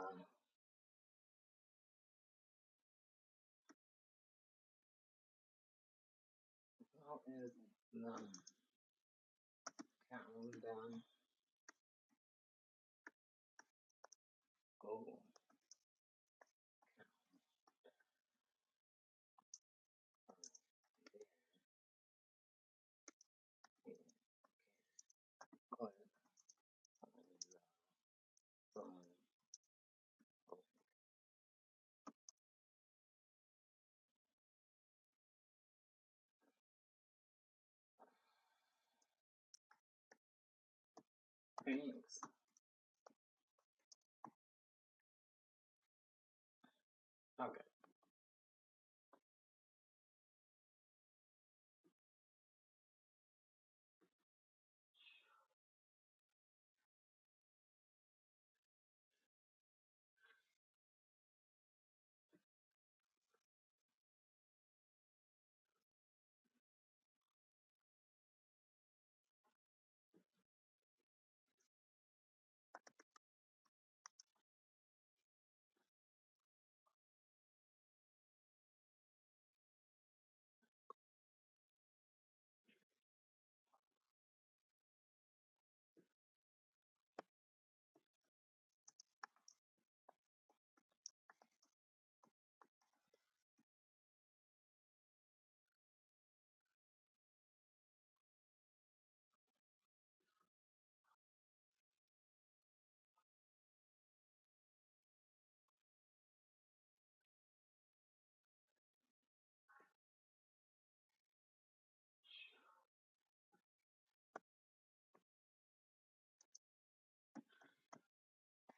B: Long is done. Countdown. Go. Thanks. Okay.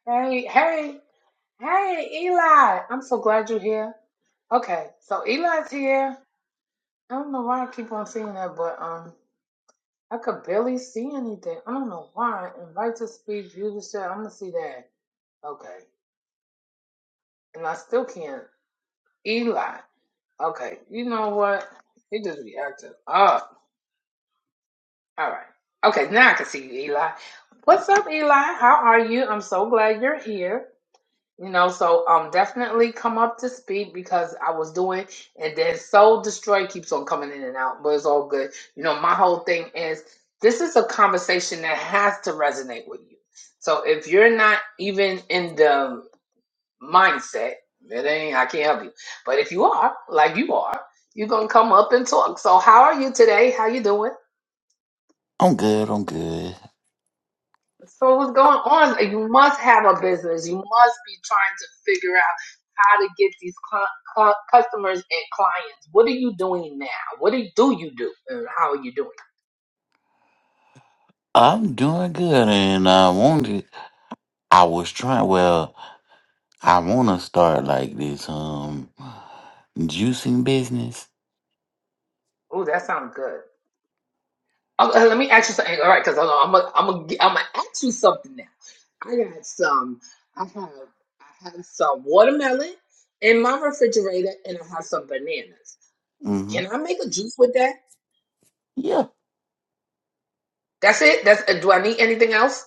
B: Hey, hey, hey, Eli! I'm so glad you're here. Okay, so Eli's here. I don't know why I keep on seeing that, but um, I could barely see anything. I don't know why. Invite to speak, view the show. I'm gonna see that. Okay, and I still can't. Eli. Okay, you know what? He just reacted. acting up. All right. Okay, now I can see you, Eli. What's up, Eli? How are you? I'm so glad you're here. You know, so um definitely come up to speed because I was doing and then Soul Destroy keeps on coming in and out, but it's all good. You know, my whole thing is this is a conversation that has to resonate with you. So if you're not even in the mindset, it ain't I can't help you. But if you are, like you are, you're gonna come up and talk. So how are you today? How you doing?
G: I'm good. I'm good.
B: So what's going on? You must have a business. You must be trying to figure out how to get these cl- cl- customers and clients. What are you doing now? What do you, do you do, and how are you doing?
G: I'm doing good, and I wanted. I was trying. Well, I want to start like this um juicing business.
B: Oh, that sounds good. Oh, uh, let me ask you something. All right, because I'm gonna I'm gonna I'm gonna ask you something now. I got some. I have I have some watermelon in my refrigerator, and I have some bananas.
G: hmm
B: Can I make a juice with that?
G: Yeah.
B: That's it. That's uh, do I need anything else?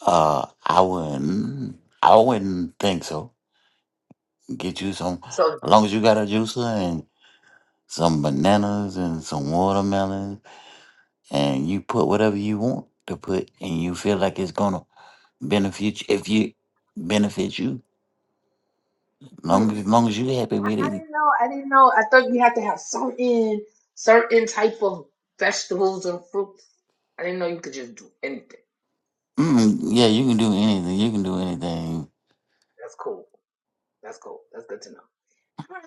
G: Uh, I wouldn't. I wouldn't think so. Get you some.
B: So
G: As long as you got a juicer and some bananas and some watermelons, and you put whatever you want to put, and you feel like it's gonna benefit you. If you benefit you, long
B: hmm.
G: as long as you happy
B: I,
G: with
B: I
G: it,
B: didn't know. I didn't know. I thought you had to have certain certain type of vegetables and fruits. I didn't know you could just do anything.
G: Mm, yeah, you can do anything. You can do anything.
B: That's cool. That's cool. That's good to know. All right.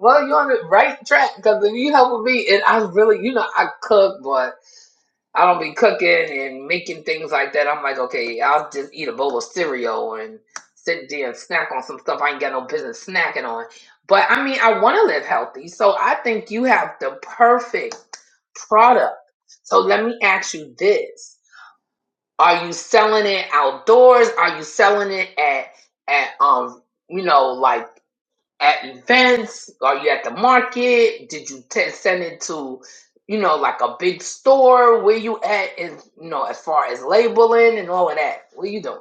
B: Well, you're on the right track because if you help with me, and I really, you know, I cook, boy. I don't be cooking and making things like that. I'm like, okay, I'll just eat a bowl of cereal and sit there and snack on some stuff I ain't got no business snacking on. But I mean, I want to live healthy. So I think you have the perfect product. So let me ask you this. Are you selling it outdoors? Are you selling it at at um, you know, like at events? Are you at the market? Did you t- send it to, you know, like a big store? Where you at? In, you know, as far as labeling and all of that. What you doing?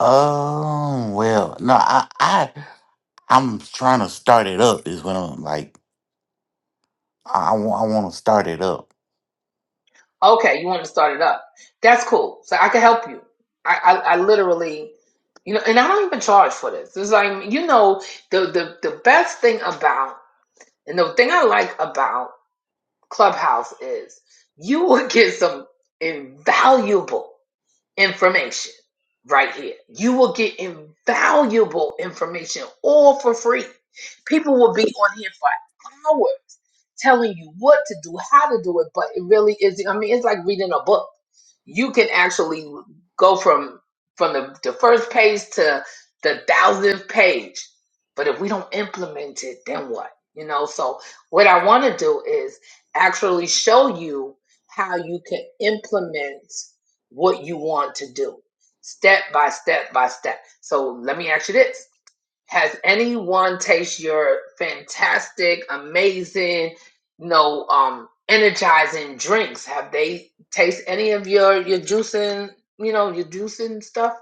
G: Oh well, no, I, I, I'm trying to start it up. Is what I'm like. I, I want, I want to start it up.
B: Okay, you want to start it up. That's cool. So I can help you. I, I, I literally, you know, and I don't even charge for this. It's like you know, the the the best thing about and the thing I like about Clubhouse is you will get some invaluable information right here. You will get invaluable information all for free. People will be on here for hours telling you what to do, how to do it, but it really is I mean it's like reading a book. You can actually go from from the, the first page to the thousandth page. But if we don't implement it, then what? You know, so what I want to do is actually show you how you can implement what you want to do, step by step by step. So let me ask you this Has anyone taste your fantastic, amazing, you know, um, energizing drinks? Have they taste any of your, your juicing, you know, your juicing stuff?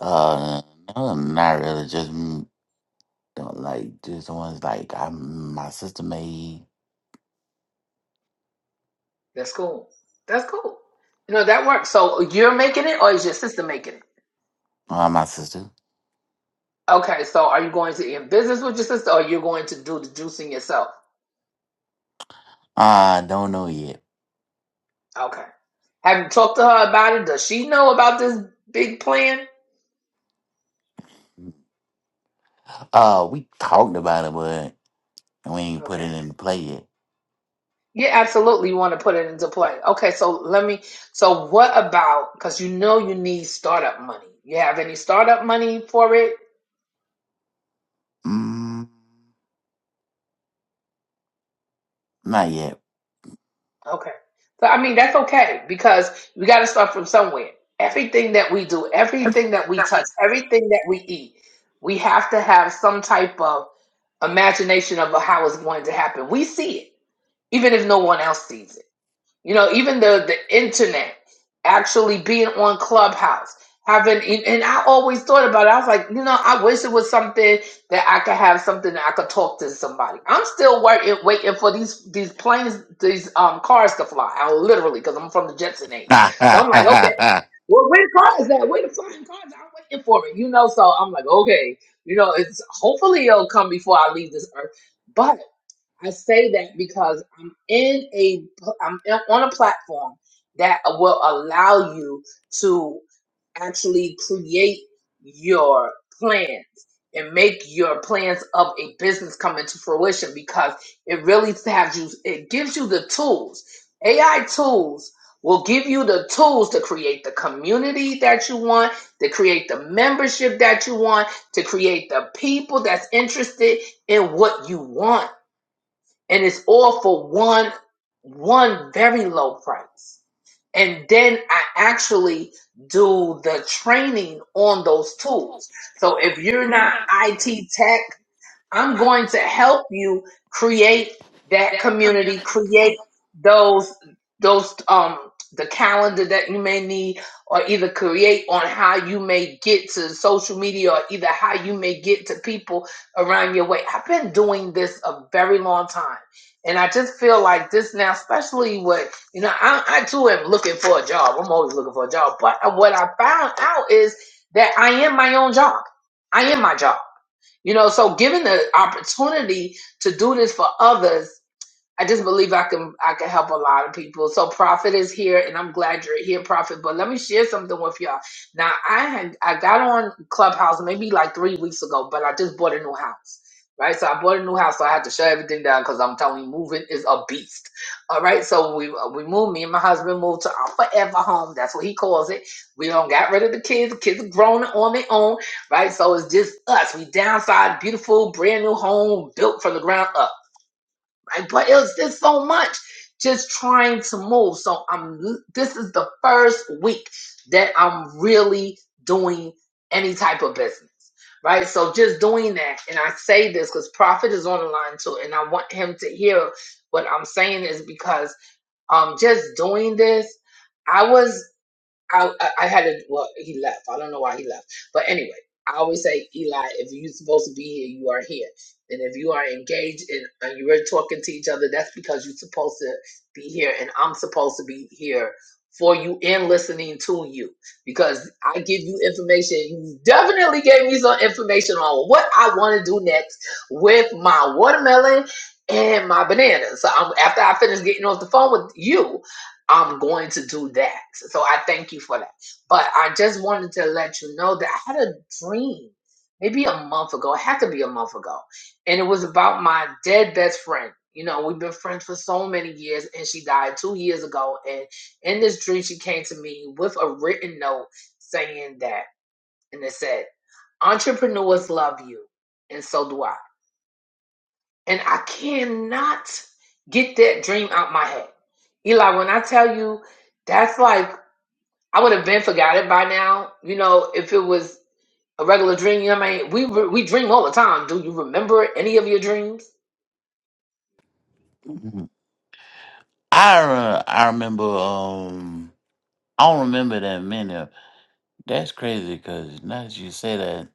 G: Uh, no, not really. Just mm, don't like just ones like I, my sister made.
B: That's cool. That's cool. You know, that works. So you're making it or is your sister making it?
G: Uh, my sister.
B: Okay, so are you going to in business with your sister or you're going to do the juicing yourself?
G: I don't know yet.
B: Okay. Have you talked to her about it? Does she know about this big plan?
G: Uh, we talked about it, but we ain't put
B: Okay.
G: it into play yet.
B: Yeah, absolutely. You want to put it into play. Okay, so let me. So, what about because you know you need startup money? You have any startup money for it?
G: Mm, not yet.
B: Okay. So, I mean, that's okay because we got to start from somewhere. Everything that we do, everything that we touch, everything that we eat, we have to have some type of imagination of how it's going to happen. We see it, even if no one else sees it. You know, even the the internet, actually being on Clubhouse, having and I always thought about it. I was like, you know, I wish it was something that I could have something that I could talk to somebody. I'm still waiting waiting for these these planes, these um cars to fly. I literally because I'm from the Jetson age, so I'm like, okay, well, where the car is that? Where the flying cars? I'm waiting for it, you know. So I'm like, okay, you know, it's hopefully it'll come before I leave this earth, but. I say that because I'm in a I'm in- on a platform that will allow you to actually create your plans and make your plans of a business come into fruition because it really has you it gives you the tools. AI tools will give you the tools to create the community that you want, to create the membership that you want, to create the people that's interested in what you want and it's all for one one very low price and then i actually do the training on those tools so if you're not it tech I'm going to help you create that community, create those those um the calendar that you may need or either create on how you may get to social media or either how you may get to people around your way. I've been doing this a very long time. And I just feel like this now, especially what, you know, I, I too am looking for a job. I'm always looking for a job. But what I found out is that I am my own job. I am my job. You know, so given the opportunity to do this for others, I just believe I can I can help a lot of people. So Prophet is here, and I'm glad you're here, Prophet. But let me share something with y'all. Now I had I got on Clubhouse maybe like three weeks ago, but I just bought a new house. Right, so I bought a new house, so I had to shut everything down because I'm telling you, moving is a beast. All right, so we we moved. Me and my husband moved to our forever home. That's what he calls it. We don't got rid of the kids. The kids are grown on their own. Right, so it's just us. We downsized, beautiful, brand new home built from the ground up right? But it's just so much just trying to move. So I'm this is the first week that I'm really doing any type of business. Right. So just doing that, and I say this because Prophet is on the line too, and I want him to hear what I'm saying is because um just doing this. I was I, I I had to, well, he left. I don't know why he left. But anyway, I always say, Eli, if you're supposed to be here, you are here. And if you are engaged and, and you're talking to each other, that's because you're supposed to be here. And I'm supposed to be here for you and listening to you because I give you information. You definitely gave me some information on what I want to do next with my watermelon and my banana. So I'm, after I finish getting off the phone with you, I'm going to do that. So I thank you for that. But I just wanted to let you know that I had a dream maybe a month ago. It had to be a month ago. And it was about my dead best friend. You know, we've been friends for so many years, and she died two years ago. And in this dream, she came to me with a written note saying that, and it said, Entrepreneurs love you, and so do I. And I cannot get that dream out my head. Eli, when I tell you, that's like I would have been forgotten by now. You know, if it was a regular dream, you know, I mean, we re- we dream all the time. Do you remember any of your dreams?
G: I re- I remember. Um, I don't remember that many. of- That's crazy because now that you say that,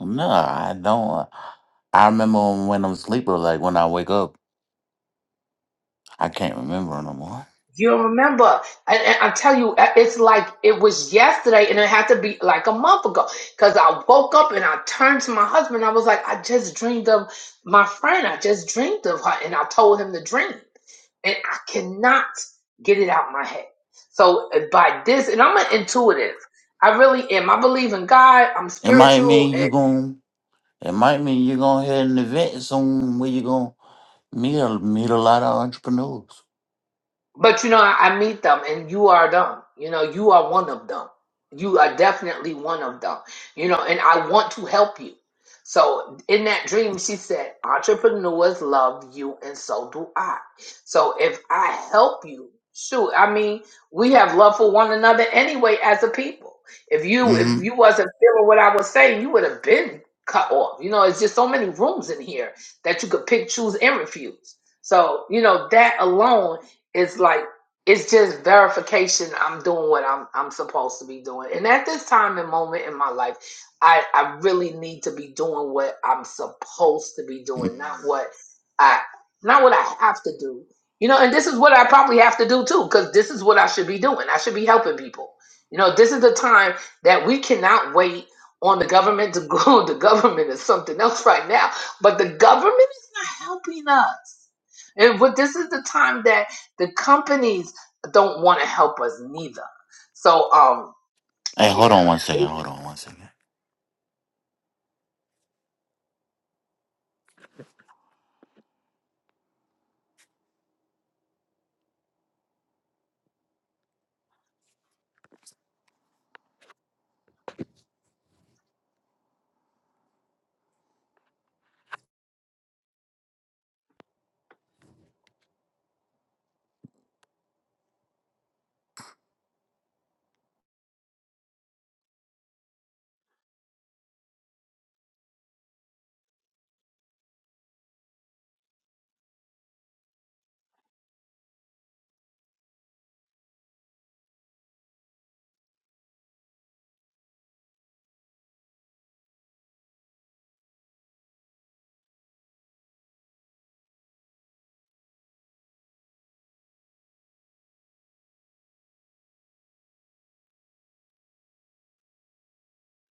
G: no, I don't. I remember when I'm sleeping. Like when I wake up, I can't remember no more.
B: You don't remember. And, and I tell you, uh, it's like it was yesterday, and it had to be like a month ago. Because I woke up and I turned to my husband. I was like, I just dreamed of my friend. I just dreamed of her, and I told him the dream, and I cannot get it out my head. So uh, by this, and I'm an intuitive. I really am. I believe in God. I'm
G: It might
B: spiritual.
G: mean you gon' It might mean you're gonna head an event soon where you're gonna meet a, meet a lot of entrepreneurs.
B: But you know, I, I meet them, and you are them. You know, you are one of them. You are definitely one of them. You know, and I want to help you. So in that dream, she said, "Entrepreneurs love you, and so do I." So if I help you, shoot, I mean, we have love for one another anyway as a people. If you if
G: Mm-hmm.
B: you wasn't feeling what I was saying, you would have been cut off. You know, it's just so many rooms in here that you could pick, choose, and refuse. So you know that alone it's like it's just verification i'm doing what i'm i'm supposed to be doing and at this time and moment in my life i i really need to be doing what i'm supposed to be doing not what i not what i have to do you know and this is what i probably have to do too because this is what i should be doing i should be helping people you know this is the time that we cannot wait on the government to go the government is something else right now but the government is not helping us and what this is the time that the companies don't want to help us neither. So um
G: Hey, hold on
B: yeah.
G: one second. Hold on one second.